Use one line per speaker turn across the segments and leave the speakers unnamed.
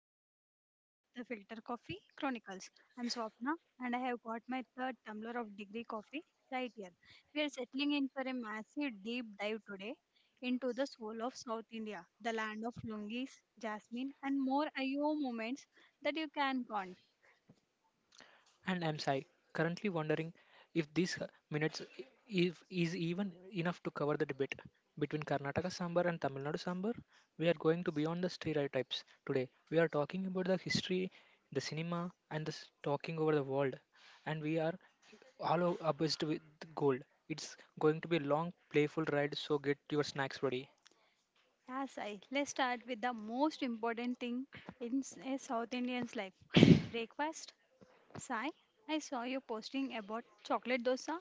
the marathon episode of the Filter Coffee Chronicles. I'm Swapna and I have got my third tumbler of degree coffee right here. We are settling in for a massive deep dive today into the soul of South India, the land of lungis, jasmine, and more IO moments that you can count.
I'm Sai, currently wondering if these if is even enough to cover the debate between Karnataka sambar and Tamil Nadu sambar. We are going to beyond the stereotypes today. We are talking about the history, the cinema, and talking over the world. And we are all obsessed with gold. It's going to be a long, playful ride. So get your snacks ready.
Yes, I. Let's start with the most important thing in a South Indian's life, breakfast. Sai, I saw you posting about chocolate dosa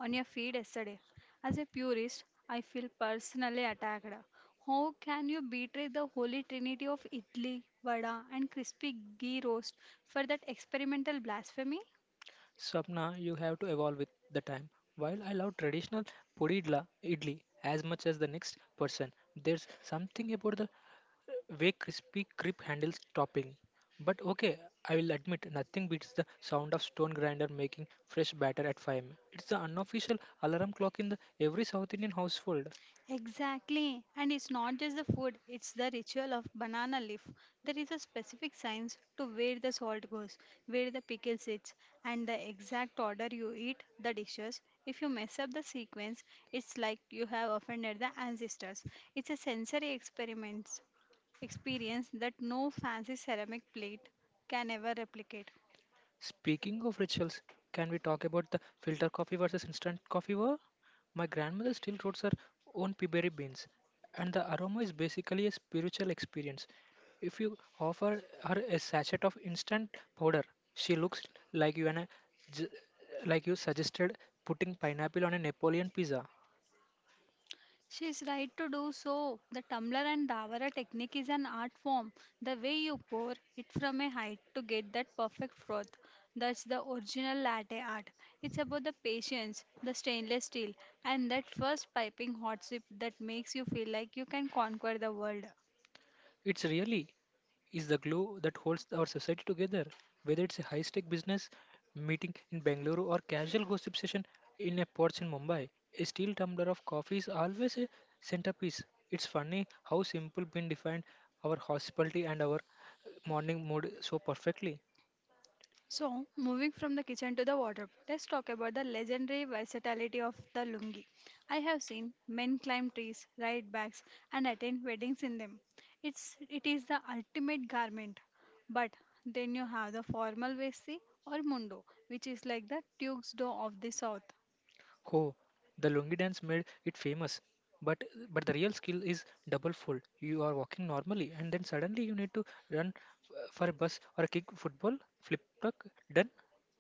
on your feed yesterday. As a purist, I feel personally attacked. How can you betray the holy trinity of idli, vada, and crispy ghee roast for that experimental blasphemy?
Swapna, you have to evolve with the time. While I love traditional idli as much as the next person, there's something about the way crispy grip handles topping. But okay, I will admit nothing beats the sound of stone grinder making fresh batter at 5 am. It's the unofficial alarm clock in the every South Indian household.
Exactly. And it's not just the food, it's the ritual of banana leaf. There is a specific science to where the salt goes, where the pickle sits, and the exact order you eat the dishes. If you mess up the sequence, it's like you have offended the ancestors. It's a sensory experiment experience that no fancy ceramic plate can ever replicate.
Speaking of rituals, can we talk about the filter coffee versus instant coffee war? My grandmother still roasts her own peaberry beans, and the aroma is basically a spiritual experience. If you offer her a sachet of instant powder, she looks like you and I, j- like you suggested putting pineapple on a Napoleon pizza.
She is right to do so. The tumbler and davara technique is an art form. The way you pour it from a height to get that perfect froth. That's the original latte art. It's about the patience, the stainless steel, and that first piping hot sip that makes you feel like you can conquer the world.
It's really is the glue that holds our society together, whether it's a high stake business meeting in Bangalore or casual gossip session in a porch in Mumbai. A steel tumbler of coffee is always a centerpiece. It's funny how simple been defined our hospitality and our morning mood so perfectly.
So, moving from the kitchen to the wardrobe, let's talk about the legendary versatility of the lungi. I have seen men climb trees, ride bikes, and attend weddings in them. It is the ultimate garment. But then you have the formal vesti or mundo, which is like the tuxedo of the south.
Oh, the lungi dance made it famous. But but the real skill is double fold. You are walking normally, and then suddenly you need to run for a bus or a kick football, flip tuck, done.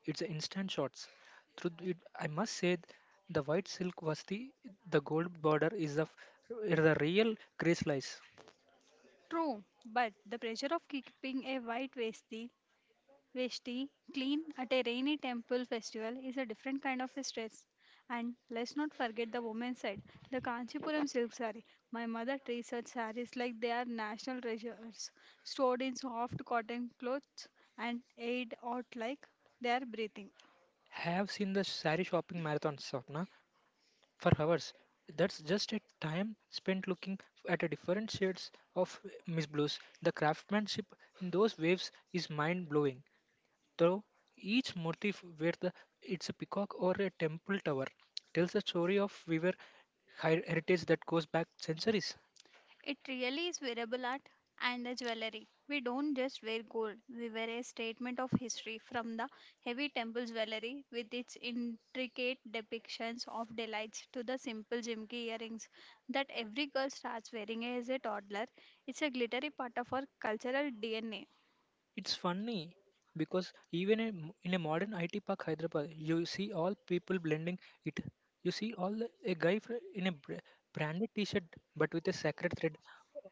It's a instant shots. Through it, I must say, the white silk was the gold border is the real grace lies.
True, but the pressure of keeping a white vesti Veshti, clean at a rainy temple festival is a different kind of stress. And let's not forget the women's side, the Kanchipuram silk saree. My mother treats such sarees like they are national treasures, stored in soft cotton clothes and aired out like they are breathing.
Have seen the sari shopping marathon, Sapna. For hours. That's just a time spent looking at a different shades of mist blues. The craftsmanship in those waves is mind blowing. Though each motif, whether it's a peacock or a temple tower, tells a story of weaver heritage that goes back centuries.
It really is wearable art and the jewelry. We don't just wear gold, we wear a statement of history from the heavy temple jewelry with its intricate depictions of delights to the simple jimki earrings that every girl starts wearing as a toddler. It's a glittery part of our cultural DNA.
It's funny because even in a modern IT park, Hyderabad, you see all people blending it. You see a guy in a branded T-shirt but with a sacred thread,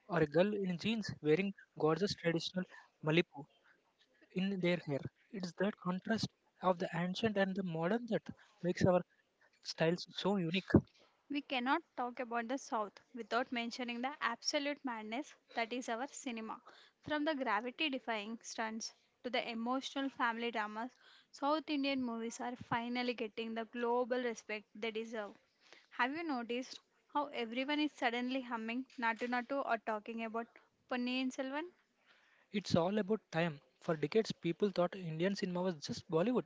or a girl in jeans wearing gorgeous traditional malipu in their hair. It's that contrast of the ancient and the modern that makes our styles so unique.
We cannot talk about the South without mentioning the absolute madness that is our cinema. From the gravity defying stunts to the emotional family dramas, South Indian movies are finally getting the global respect they deserve. Have you noticed how everyone is suddenly humming Natu Natu or talking about Ponniyin Selvan?
It's all about time. For decades, people thought Indian cinema was just Bollywood,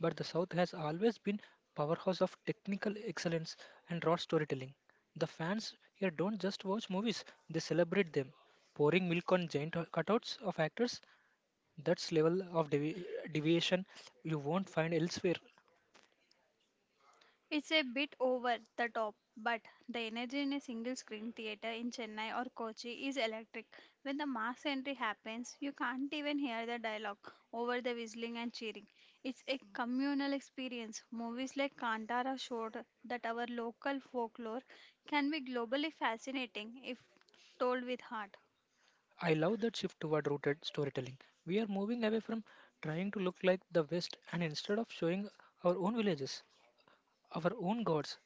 but the South has always been powerhouse of technical excellence and raw storytelling. The fans here don't just watch movies; they celebrate them, pouring milk on giant cutouts of actors. That's level of deviation you won't find elsewhere.
It's a bit over the top, but the energy in a single screen theatre in Chennai or Kochi is electric. When the mass entry happens, you can't even hear the dialogue over the whistling and cheering. It's a communal experience. Movies like Kantara showed that our local folklore can be globally fascinating if told with heart.
I love that shift toward rooted storytelling. We are moving away from trying to look like the West and instead of showing our own villages. Our own gods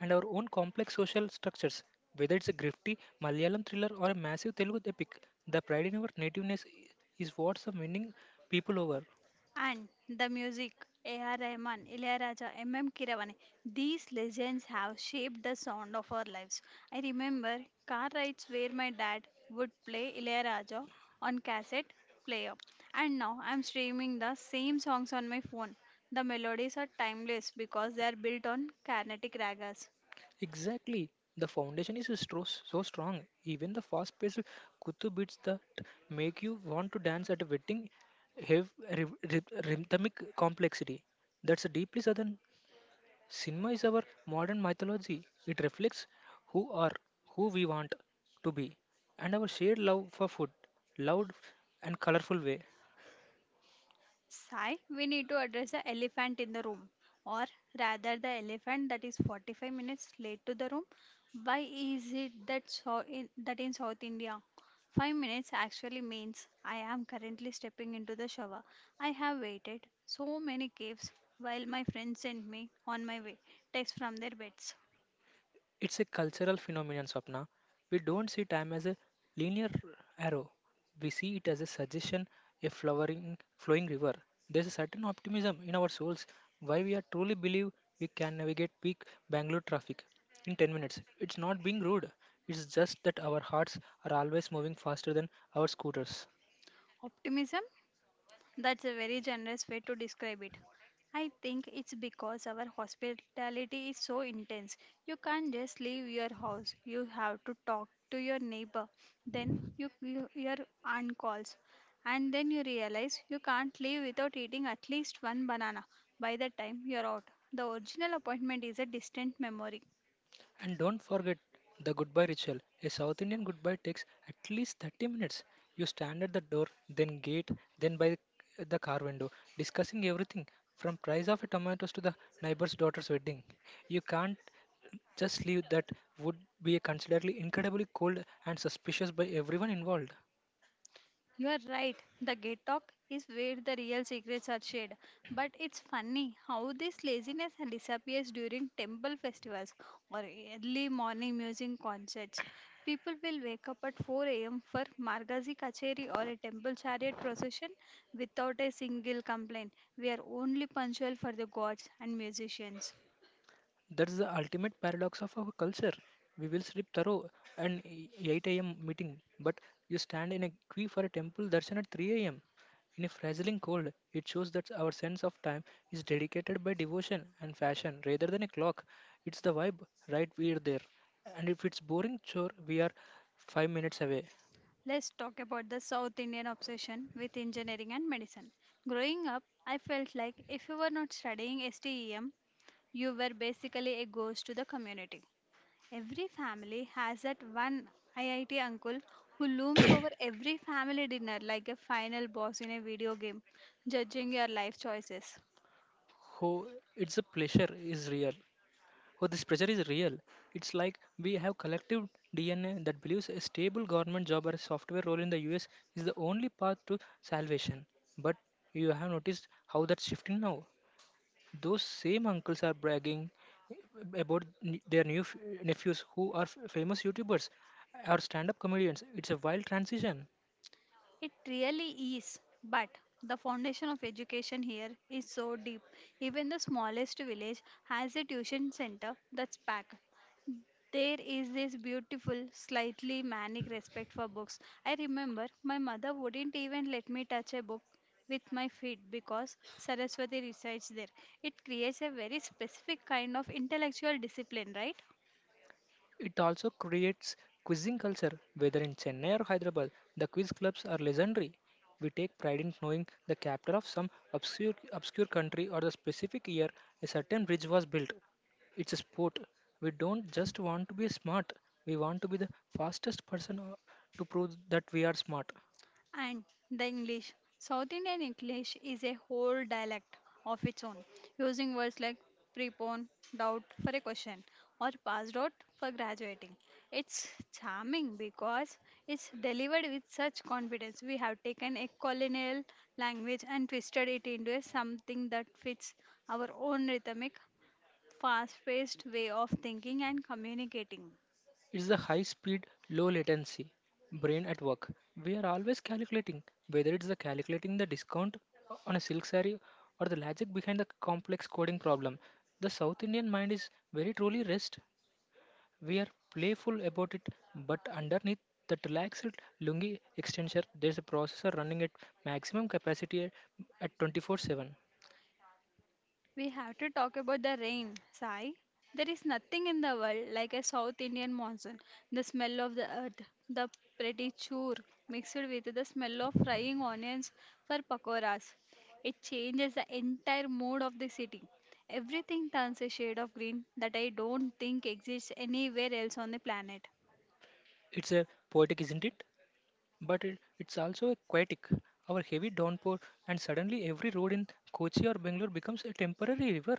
and our own complex social structures. Whether it's a grifty Malayalam thriller or a massive Telugu epic, the pride in our nativeness is what's the winning people over.
And the music, A.R. Rahman, Ilayaraja, M.M. Keeravani, these legends have shaped the sound of our lives. I remember car rides where my dad would play Ilayaraja on cassette player. And now I'm streaming the same songs on my phone. The melodies are timeless because they are built on Carnatic ragas.
Exactly. The foundation is so strong. Even the fast-paced kuttu beats that make you want to dance at a wedding have rhythmic complexity. That's a deeply southern. Cinema is our modern mythology. It reflects who are, who we want to be, and our shared love for food, loud and colorful way.
Sai, we need to address the elephant in the room, or rather, the elephant that is 45 minutes late to the room. Why is it that in South India, 5 minutes actually means I am currently stepping into the shower. I have waited so many caves while my friends sent me on my way text from their beds.
It's a cultural phenomenon, Swapna. We don't see time as a linear arrow. We see it as a suggestion, a flowering, flowing river. There's a certain optimism in our souls why we are truly believe we can navigate peak Bangalore traffic in 10 minutes. It's not being rude. It's just that our hearts are always moving faster than our scooters.
Optimism? That's a very generous way to describe it. I think it's because our hospitality is so intense. You can't just leave your house. You have to talk to your neighbor. Then your aunt calls. And then you realize you can't leave without eating at least one banana. By the time you're out, the original appointment is a distant memory.
And don't forget the goodbye ritual. A South Indian goodbye takes at least 30 minutes. You stand at the door, then gate, then by the car window, discussing everything from price of a tomatoes to the neighbor's daughter's wedding. You can't just leave that would be considered incredibly cold and suspicious by everyone involved.
You are right. The gate talk is where the real secrets are shared. But it's funny how this laziness disappears during temple festivals or early morning music concerts. People will wake up at 4 a.m. for Margazi Kacheri or a temple chariot procession without a single complaint. We are only punctual for the gods and musicians.
That's the ultimate paradox of our culture. We will sleep thorough an 8 a.m. meeting, but you stand in a queue for a temple darshan at 3 a.m. In a frazzling cold, it shows that our sense of time is dedicated by devotion and fashion rather than a clock. It's the vibe, right? We are there. And if it's boring, sure, we are 5 minutes away.
Let's talk about the South Indian obsession with engineering and medicine. Growing up, I felt like if you were not studying STEM, you were basically a ghost to the community. Every family has that one IIT uncle who looms over every family dinner like a final boss in a video game, judging your life choices.
Oh, it's a pleasure is real. Oh, this pressure is real. It's like we have collective DNA that believes a stable government job or a software role in the US is the only path to salvation. But you have noticed how that's shifting now. Those same uncles are bragging about their new nephews who are famous YouTubers or stand up comedians. It's a wild transition.
It really is, but the foundation of education here is so deep. Even the smallest village has a tuition center that's packed. There is this beautiful, slightly manic respect for books. I remember my mother wouldn't even let me touch a book with my feet because Saraswati resides there. It creates a very specific kind of intellectual discipline, right?
It also creates quizzing culture, whether in Chennai or Hyderabad. The quiz clubs are legendary. We take pride in knowing the capital of some obscure country or the specific year a certain bridge was built. It's a sport. We don't just want to be smart, we want to be the fastest person to prove that we are smart.
And the English. South Indian English is a whole dialect of its own, using words like prepon, doubt for a question, or passed out for graduating. It's charming because it's delivered with such confidence. We have taken a colonial language and twisted it into a something that fits our own rhythmic, fast paced way of thinking and communicating.
It's the high speed, low latency brain at work. We are always calculating, whether it's the calculating the discount on a silk saree or the logic behind the complex coding problem. The South Indian mind is very truly rest. We are playful about it, but underneath that relaxed lungi extensor, there's a processor running at maximum capacity at 24/7.
We have to talk about the rain, Sai. There is nothing in the world like a South Indian monsoon. The smell of the earth, the pretty chur mixed with the smell of frying onions for pakoras. It changes the entire mood of the city. Everything turns a shade of green that I don't think exists anywhere else on the planet.
It's a poetic, isn't it? But it's also aquatic. Our heavy downpour, and suddenly every road in Kochi or Bangalore becomes a temporary river.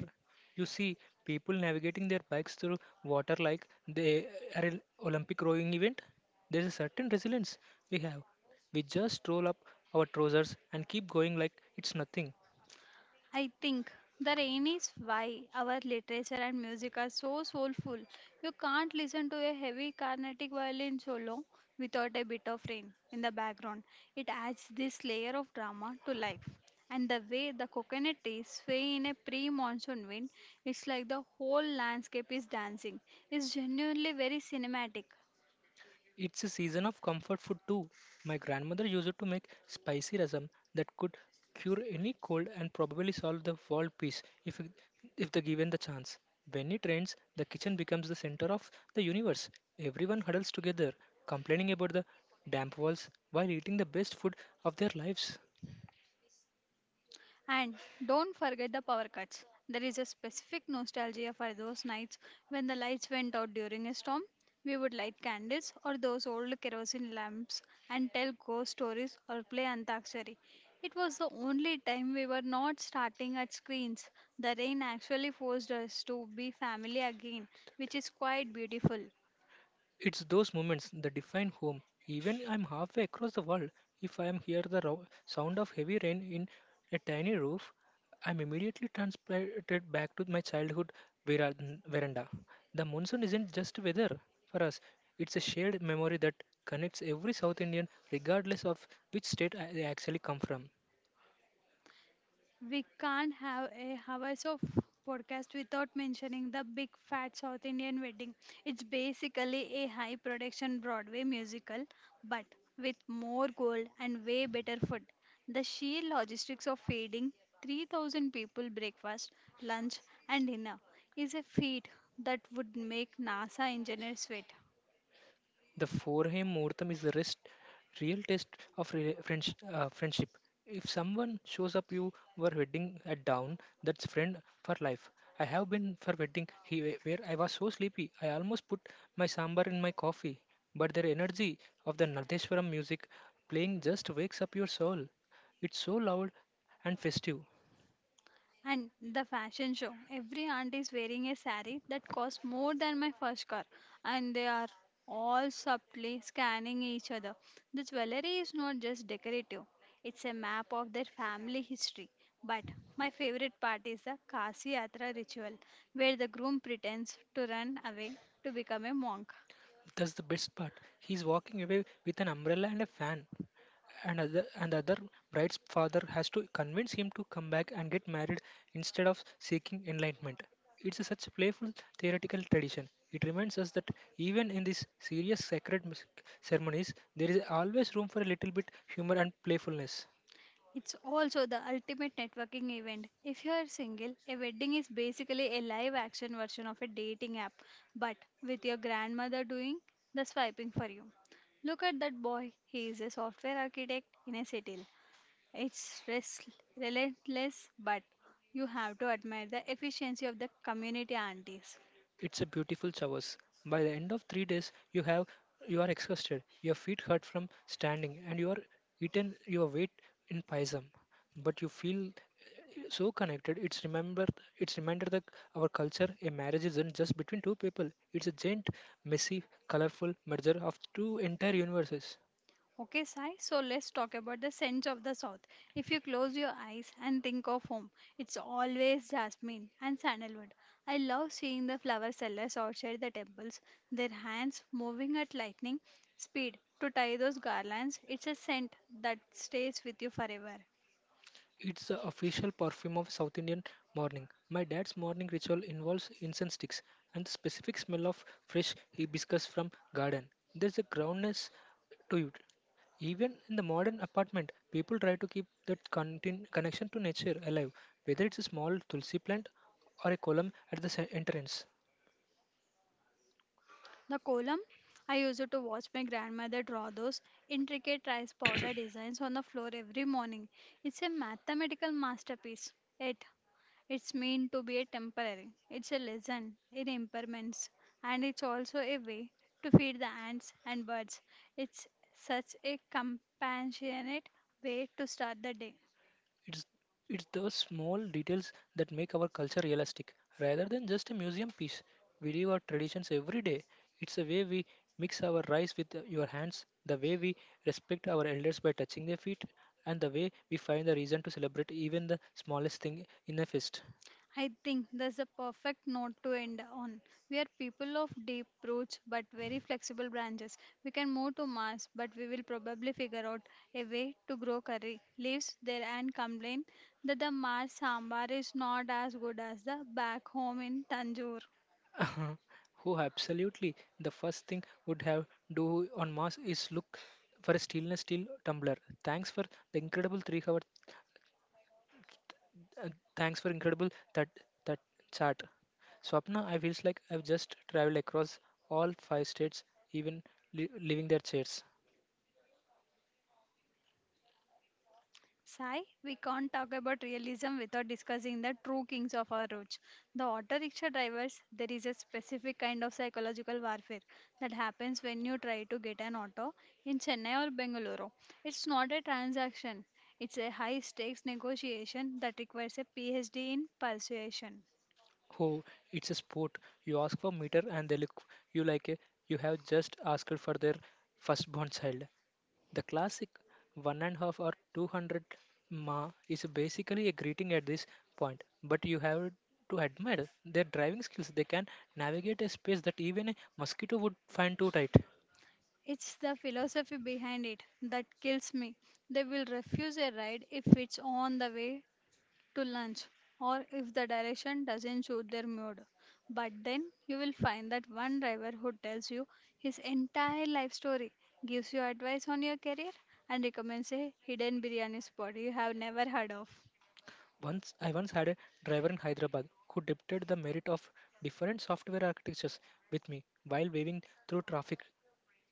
You see people navigating their bikes through water like they are an Olympic rowing event. There's a certain resilience we have. We just roll up our trousers and keep going like it's nothing.
I think the rain is why our literature and music are so soulful. You can't listen to a heavy Carnatic violin solo without a bit of rain in the background. It adds this layer of drama to life. And the way the coconut trees sway in a pre monsoon wind, it's like the whole landscape is dancing. It's genuinely very cinematic.
It's a season of comfort food too. My grandmother used to make spicy rasam that could cure any cold and probably solve the world peace if the given the chance. When it rains, the kitchen becomes the center of the universe. Everyone huddles together, complaining about the damp walls while eating the best food of their lives.
And don't forget the power cuts. There is a specific nostalgia for those nights when the lights went out during a storm. We would light candles or those old kerosene lamps and tell ghost stories or play Antakshari. It was the only time we were not starting at screens. The rain actually forced us to be family again, which is quite beautiful.
It's those moments that define home. Even I'm halfway across the world, if I am hear the sound of heavy rain in a tiny roof, I'm immediately transported back to my childhood vera- veranda. The monsoon isn't just weather for us; it's a shared memory that connects every South Indian, regardless of which state they actually come from.
We can't have a hours of podcast without mentioning the big fat South Indian wedding. It's basically a high production Broadway musical, but with more gold and way better food. The sheer logistics of feeding 3,000 people breakfast, lunch, and dinner is a feat that would make NASA engineers sweat.
The forehead muhurtam is the real test of friendship. If someone shows up you were wedding at down, that's friend for life. I have been for wedding he, where I was so sleepy I almost put my sambar in my coffee. But their energy of the Nardeshwaram music playing just wakes up your soul. It's so loud and festive.
And the fashion show. Every aunt is wearing a saree that costs more than my first car, and they are all subtly scanning each other. The jewelry is not just decorative, it's a map of their family history. But my favorite part is the Kasi Yatra ritual, where the groom pretends to run away to become a monk.
That's the best part. He's walking away with an umbrella and a fan. And the other bride's father has to convince him to come back and get married instead of seeking enlightenment. It's a such playful theoretical tradition. It reminds us that even in these serious sacred ceremonies, there is always room for a little bit humor and playfulness.
It's also the ultimate networking event. If you are single, a wedding is basically a live action version of a dating app, but with your grandmother doing the swiping for you. Look at that boy. He is a software architect in a settle. It's relentless, but you have to admire the efficiency of the community aunties.
It's a beautiful showers. By the end of 3 days, you are exhausted, your feet hurt from standing, and you are eaten your weight in paisam. But you feel so connected. It's reminder that our culture, a marriage isn't just between two people. It's a giant, messy, colorful merger of two entire universes.
Okay, Sai, so let's talk about the scents of the south. If you close your eyes and think of home, it's always jasmine and sandalwood. I love seeing the flower sellers outside the temples, their hands moving at lightning speed to tie those garlands. It's a scent that stays with you forever.
It's the official perfume of South Indian morning. My dad's morning ritual involves incense sticks and the specific smell of fresh hibiscus from garden. There's a groundness to it. Even in the modern apartment, people try to keep that connection to nature alive, whether it's a small tulsi plant or a column at the entrance.
The kolam, I used to watch my grandmother draw those intricate rice powder designs on the floor every morning. It's a mathematical masterpiece. Yet, it's meant to be a temporary. It's a lesson in impermanence, and it's also a way to feed the ants and birds. It's such a compassionate way to start the day.
It's it's those small details that make our culture realistic, rather than just a museum piece. We live our traditions every day. It's the way we mix our rice with your hands, the way we respect our elders by touching their feet, and the way we find the reason to celebrate even the smallest thing in a feast.
I think that's a perfect note to end on. We are people of deep roots but very flexible branches. We can move to Mars, but we will probably figure out a way to grow curry leaves there and complain that the Mars sambar is not as good as the back home in Tanjore.
Who absolutely the first thing would have do on Mars is look for a stainless steel tumbler. Thanks for the incredible 3-hour Uh, thanks for incredible that that chat. Swapna, I feels like I've just traveled across all 5 states, even leaving their chairs.
Sai, we can't talk about realism without discussing the true kings of our roads. The auto rickshaw drivers, there is a specific kind of psychological warfare that happens when you try to get an auto in Chennai or Bengaluru. It's not a transaction, it's a high stakes negotiation that requires a PhD in persuasion.
Oh, it's a sport. You ask for meter and they look you like a, you have just asked for their firstborn child. The classic one and a half or 200 ma is basically a greeting at this point, but you have to admire their driving skills. They can navigate a space that even a mosquito would find too tight.
It's the philosophy behind it that kills me. They will refuse a ride if it's on the way to lunch or if the direction doesn't suit their mood. But then you will find that one driver who tells you his entire life story, gives you advice on your career, and recommends a hidden biryani spot you have never heard of.
Once I once had a driver in Hyderabad who debated the merit of different software architectures with me while waving through traffic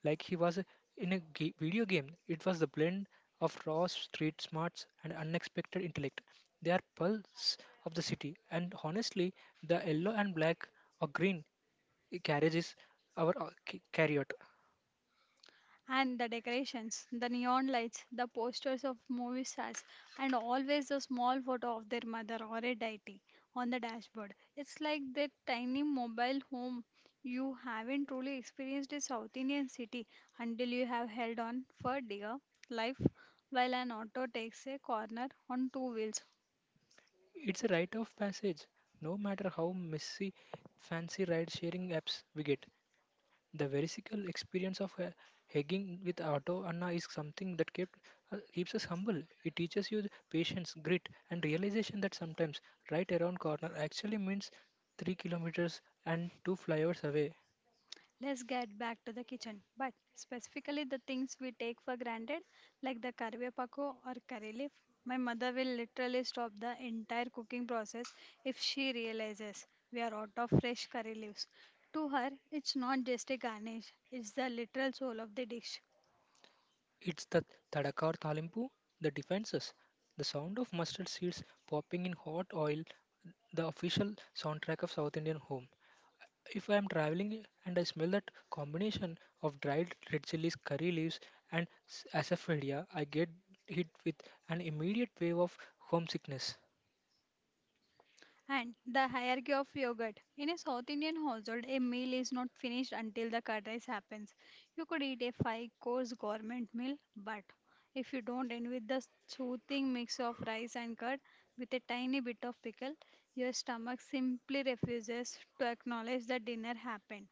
like he was in a video game. It was the blend of raw street smarts and unexpected intellect. They are pulse of the city, and honestly, the yellow and black or green carriages our carryout.
And the decorations, the neon lights, the posters of movie stars, and always a small photo of their mother or a deity on the dashboard. It's like that tiny mobile home. You haven't truly experienced a South Indian city until you have held on for dear life while an auto takes a corner on two wheels.
It's a rite of passage, no matter how messy fancy ride sharing apps we get. The vericycle experience of hiking with Otto Anna is something that keeps us humble. It teaches you patience, grit, and realization that sometimes right around corner actually means 3 kilometers and two flyovers away.
Let's get back to the kitchen, but specifically the things we take for granted, like the karvepako or curry leaf. My mother will literally stop the entire cooking process if she realizes we are out of fresh curry leaves. To her, it's not just a garnish, it's the literal soul of the dish.
It's the Tadakar Talimpu that defines us. The sound of mustard seeds popping in hot oil, the official soundtrack of South Indian home. If I am traveling and I smell that combination of dried red chilies, curry leaves, and asafoetida, I get hit with an immediate wave of homesickness.
And the hierarchy of yogurt. In a South Indian household, a meal is not finished until the curd rice happens. You could eat a five course government meal, but if you don't end with the soothing mix of rice and curd with a tiny bit of pickle, your stomach simply refuses to acknowledge that dinner happened.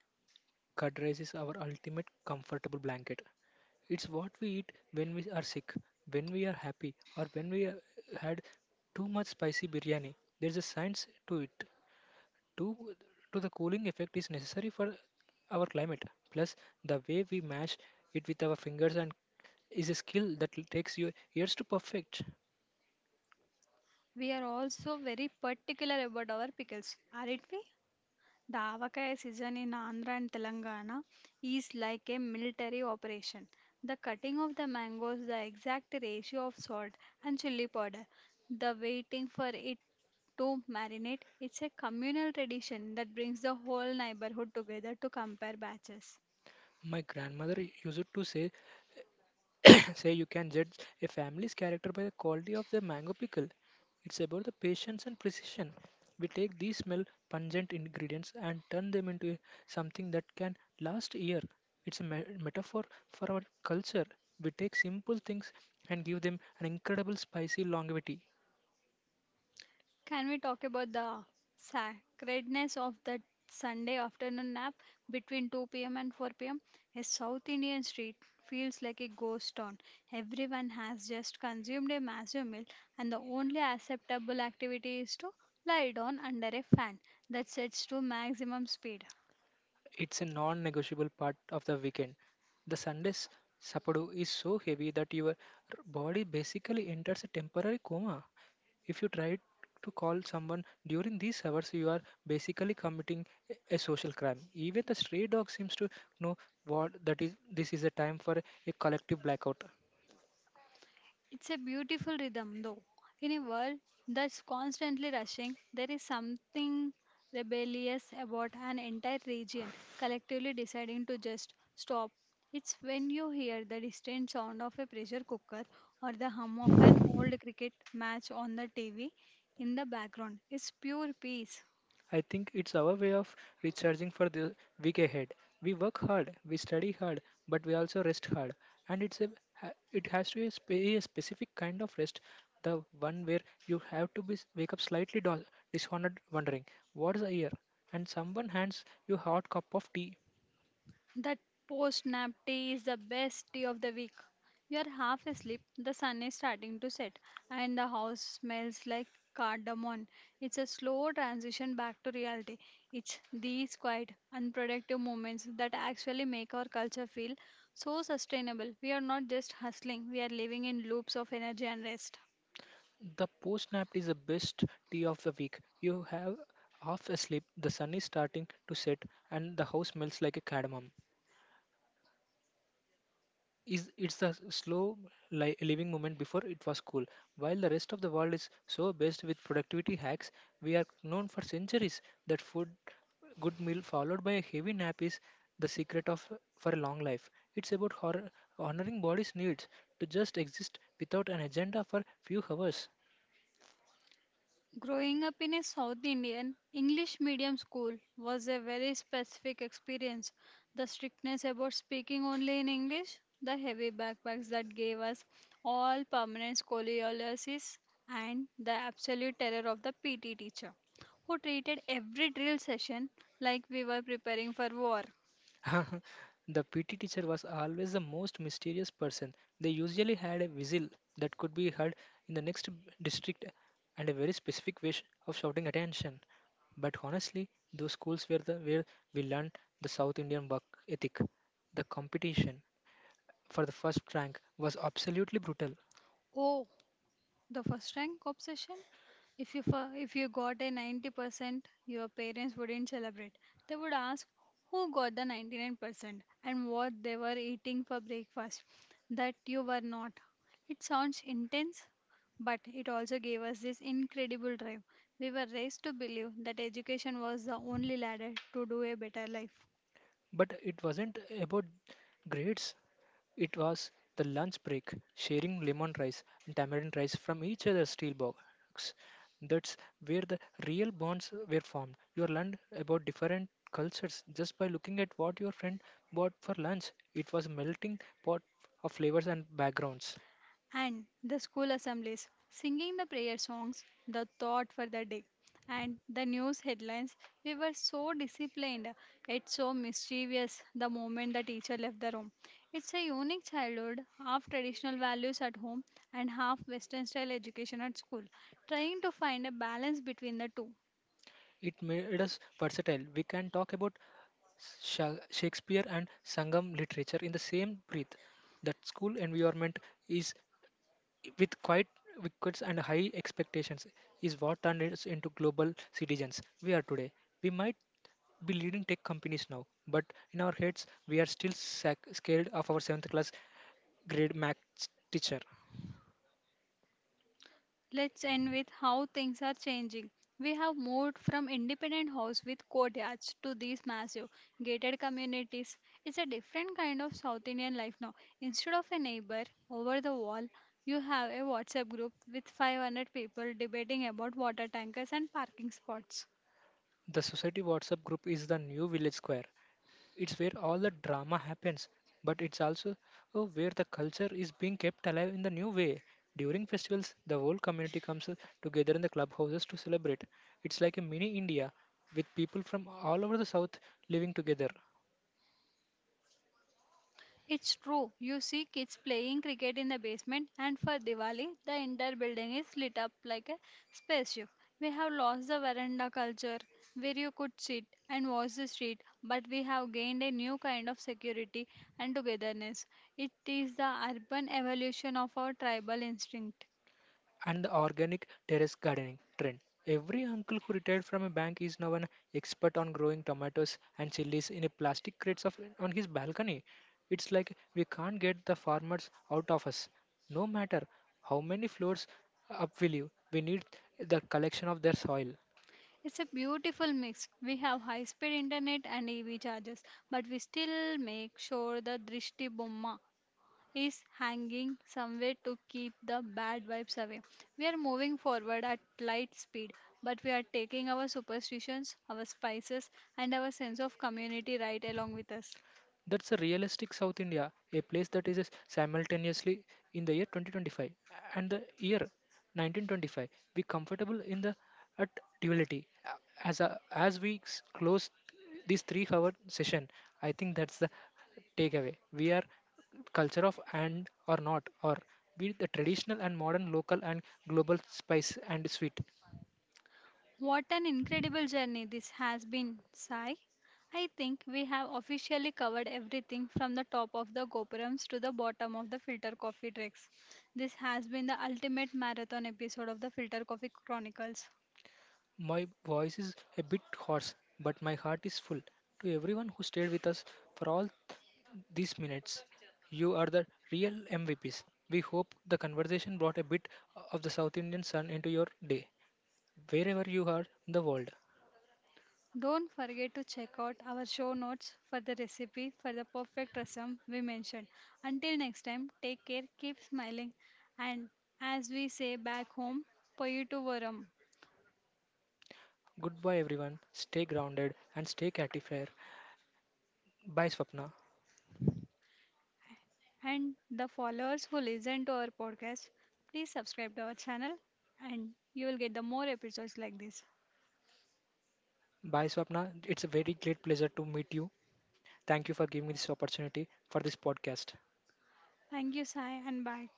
Curd rice is our ultimate comfortable blanket. It's what we eat when we are sick, when we are happy, or when we had too much spicy biryani. There's a science to it. to to the cooling effect is necessary for our climate. Plus, the way we mash it with our fingers and is a skill that takes you years to perfect.
We are also very particular about our pickles, aren't we? The Avakai season in Andhra and Telangana is like a military operation. The cutting of the mangoes, the exact ratio of salt and chili powder, the waiting for it to marinate, it's a communal tradition that brings the whole neighborhood together to compare batches.
My grandmother used to say Say you can judge a family's character by the quality of their mango pickle. It's about the patience and precision. We take these smell pungent ingredients and turn them into something that can last a year. It's a metaphor for our culture. We take simple things and give them an incredible spicy longevity.
Can we talk about the sacredness of the Sunday afternoon nap between 2 pm and 4 pm? A South Indian street feels like a ghost town. Everyone has just consumed a massive meal, and the only acceptable activity is to lie down under a fan that sets to maximum speed.
It's a non negotiable part of the weekend. The Sunday's sapadu is so heavy that your body basically enters a temporary coma. If you try to call someone during these hours, you are basically committing a social crime. Even the stray dog seems to know what that is. This is a time for a collective blackout.
It's a beautiful rhythm, though. In a world that's constantly rushing, there is something rebellious about an entire region collectively deciding to just stop. It's when you hear the distant sound of a pressure cooker or the hum of an old cricket match on the TV in the background. It's pure peace.
I think it's our way of recharging for the week ahead. We work hard, we study hard, but we also rest hard. And it's it has to be a specific kind of rest, the one where you have to be wake up slightly dishonored, wondering what's the year, and someone hands you hot cup of tea.
That post nap tea is the best tea of the week. You are half asleep, the sun is starting to set, and the house smells like cardamom. It's a slow transition back to reality. It's these quiet, unproductive moments that actually make our culture feel so sustainable. We are not just hustling, we are living in loops of energy and rest.
The post nap is the best tea of the week. You have half asleep, the sun is starting to set, and the house smells like a cardamom. Is it's a slow living moment before it was cool. While the rest of the world is so based with productivity hacks, we are known for centuries that food, good meal followed by a heavy nap is the secret of for a long life. It's about honoring body's needs to just exist without an agenda for few hours.
Growing up in a South Indian English medium school was a very specific experience. The strictness about speaking only in English, the heavy backpacks that gave us all permanent scoliosis, and the absolute terror of the PT teacher, who treated every drill session like we were preparing for war.
The PT teacher was always the most mysterious person. They usually had a whistle that could be heard in the next district and a very specific wish of shouting attention. But honestly, those schools were the where we learned the South Indian work ethic. The competition for the first rank was absolutely brutal,
Oh, the first rank obsession, if you got a 90%, your parents wouldn't celebrate. They would ask who got the 99% and what they were eating for breakfast that you were not. It sounds intense, but it also gave us this incredible drive. We were raised to believe that education was the only ladder to do a better life.
but it wasn't about grades. It was the lunch break, sharing lemon rice and tamarind rice from each other's steel box. That's where the real bonds were formed. You learned about different cultures just by looking at what your friend bought for lunch. It was a melting pot of flavors and backgrounds.
And the school assemblies, singing the prayer songs, the thought for the day, and the news headlines. We were so disciplined, it's so mischievous the moment the teacher left the room. It's a unique childhood, half traditional values at home and half Western style education at school, trying to find a balance between the two.
It made us versatile. We can talk about Shakespeare and Sangam literature in the same breath. That school environment is with quiet wickets and high expectations is what turned us into global citizens we are today. We might be leading tech companies now, but in our heads, we are still scared of our 7th class grade math teacher.
Let's end with how things are changing. We have moved from independent house with courtyards to these massive gated communities. It's a different kind of South Indian life now. Instead of a neighbor over the wall, you have a WhatsApp group with 500 people debating about water tankers and parking spots.
The society WhatsApp group is the new village square. It's where all the drama happens, but it's also where the culture is being kept alive in the new way. During festivals, the whole community comes together in the clubhouses to celebrate. It's like a mini India with people from all over the south living together.
It's true. You see kids playing cricket in the basement, and for Diwali, the entire building is lit up like a spaceship. We have lost the veranda culture where you could sit and watch the street, but we have gained a new kind of security and togetherness. It is the urban evolution of our tribal instinct.
And the organic terrace gardening trend. Every uncle who retired from a bank is now an expert on growing tomatoes and chilies in a plastic crates of, on his balcony. It's like we can't get the farmers out of us. No matter how many floors up we live, we need the collection of their soil.
It's a beautiful mix. We have high speed internet and EV chargers, but we still make sure the Drishti Bomma is hanging somewhere to keep the bad vibes away. We are moving forward at light speed, but we are taking our superstitions, our spices, and our sense of community right along with us.
That's a realistic South India, a place that is simultaneously in the year 2025 and the year 1925. We comfortable in the at duality. As as we close this three-hour session, I think that's the takeaway. We are culture of and or not or be the traditional and modern local and global spice and sweet
What an incredible journey this has been, Sai. I think we have officially covered everything from the top of the Gopurams to the bottom of the filter coffee tricks. This has been the ultimate marathon episode of the Filter Coffee Chronicles.
my voice is a bit hoarse but my heart is full to everyone who stayed with us for all these minutes. You are the real MVPs. We hope the conversation brought a bit of the South Indian sun into your day, wherever you are in the world.
Don't forget to check out our show notes for the recipe for the perfect rasam we mentioned. Until next time, take care, keep smiling, and as we say back home, Poyutu Varam.
Goodbye, everyone. Stay grounded and stay catty fair. Bye, Swapna.
And the followers who listen to our podcast, please subscribe to our channel and you will get the more episodes like this.
Bye, Swapna. It's a very great pleasure to meet you. Thank you for giving me this opportunity for this podcast.
Thank you, Sai, and bye.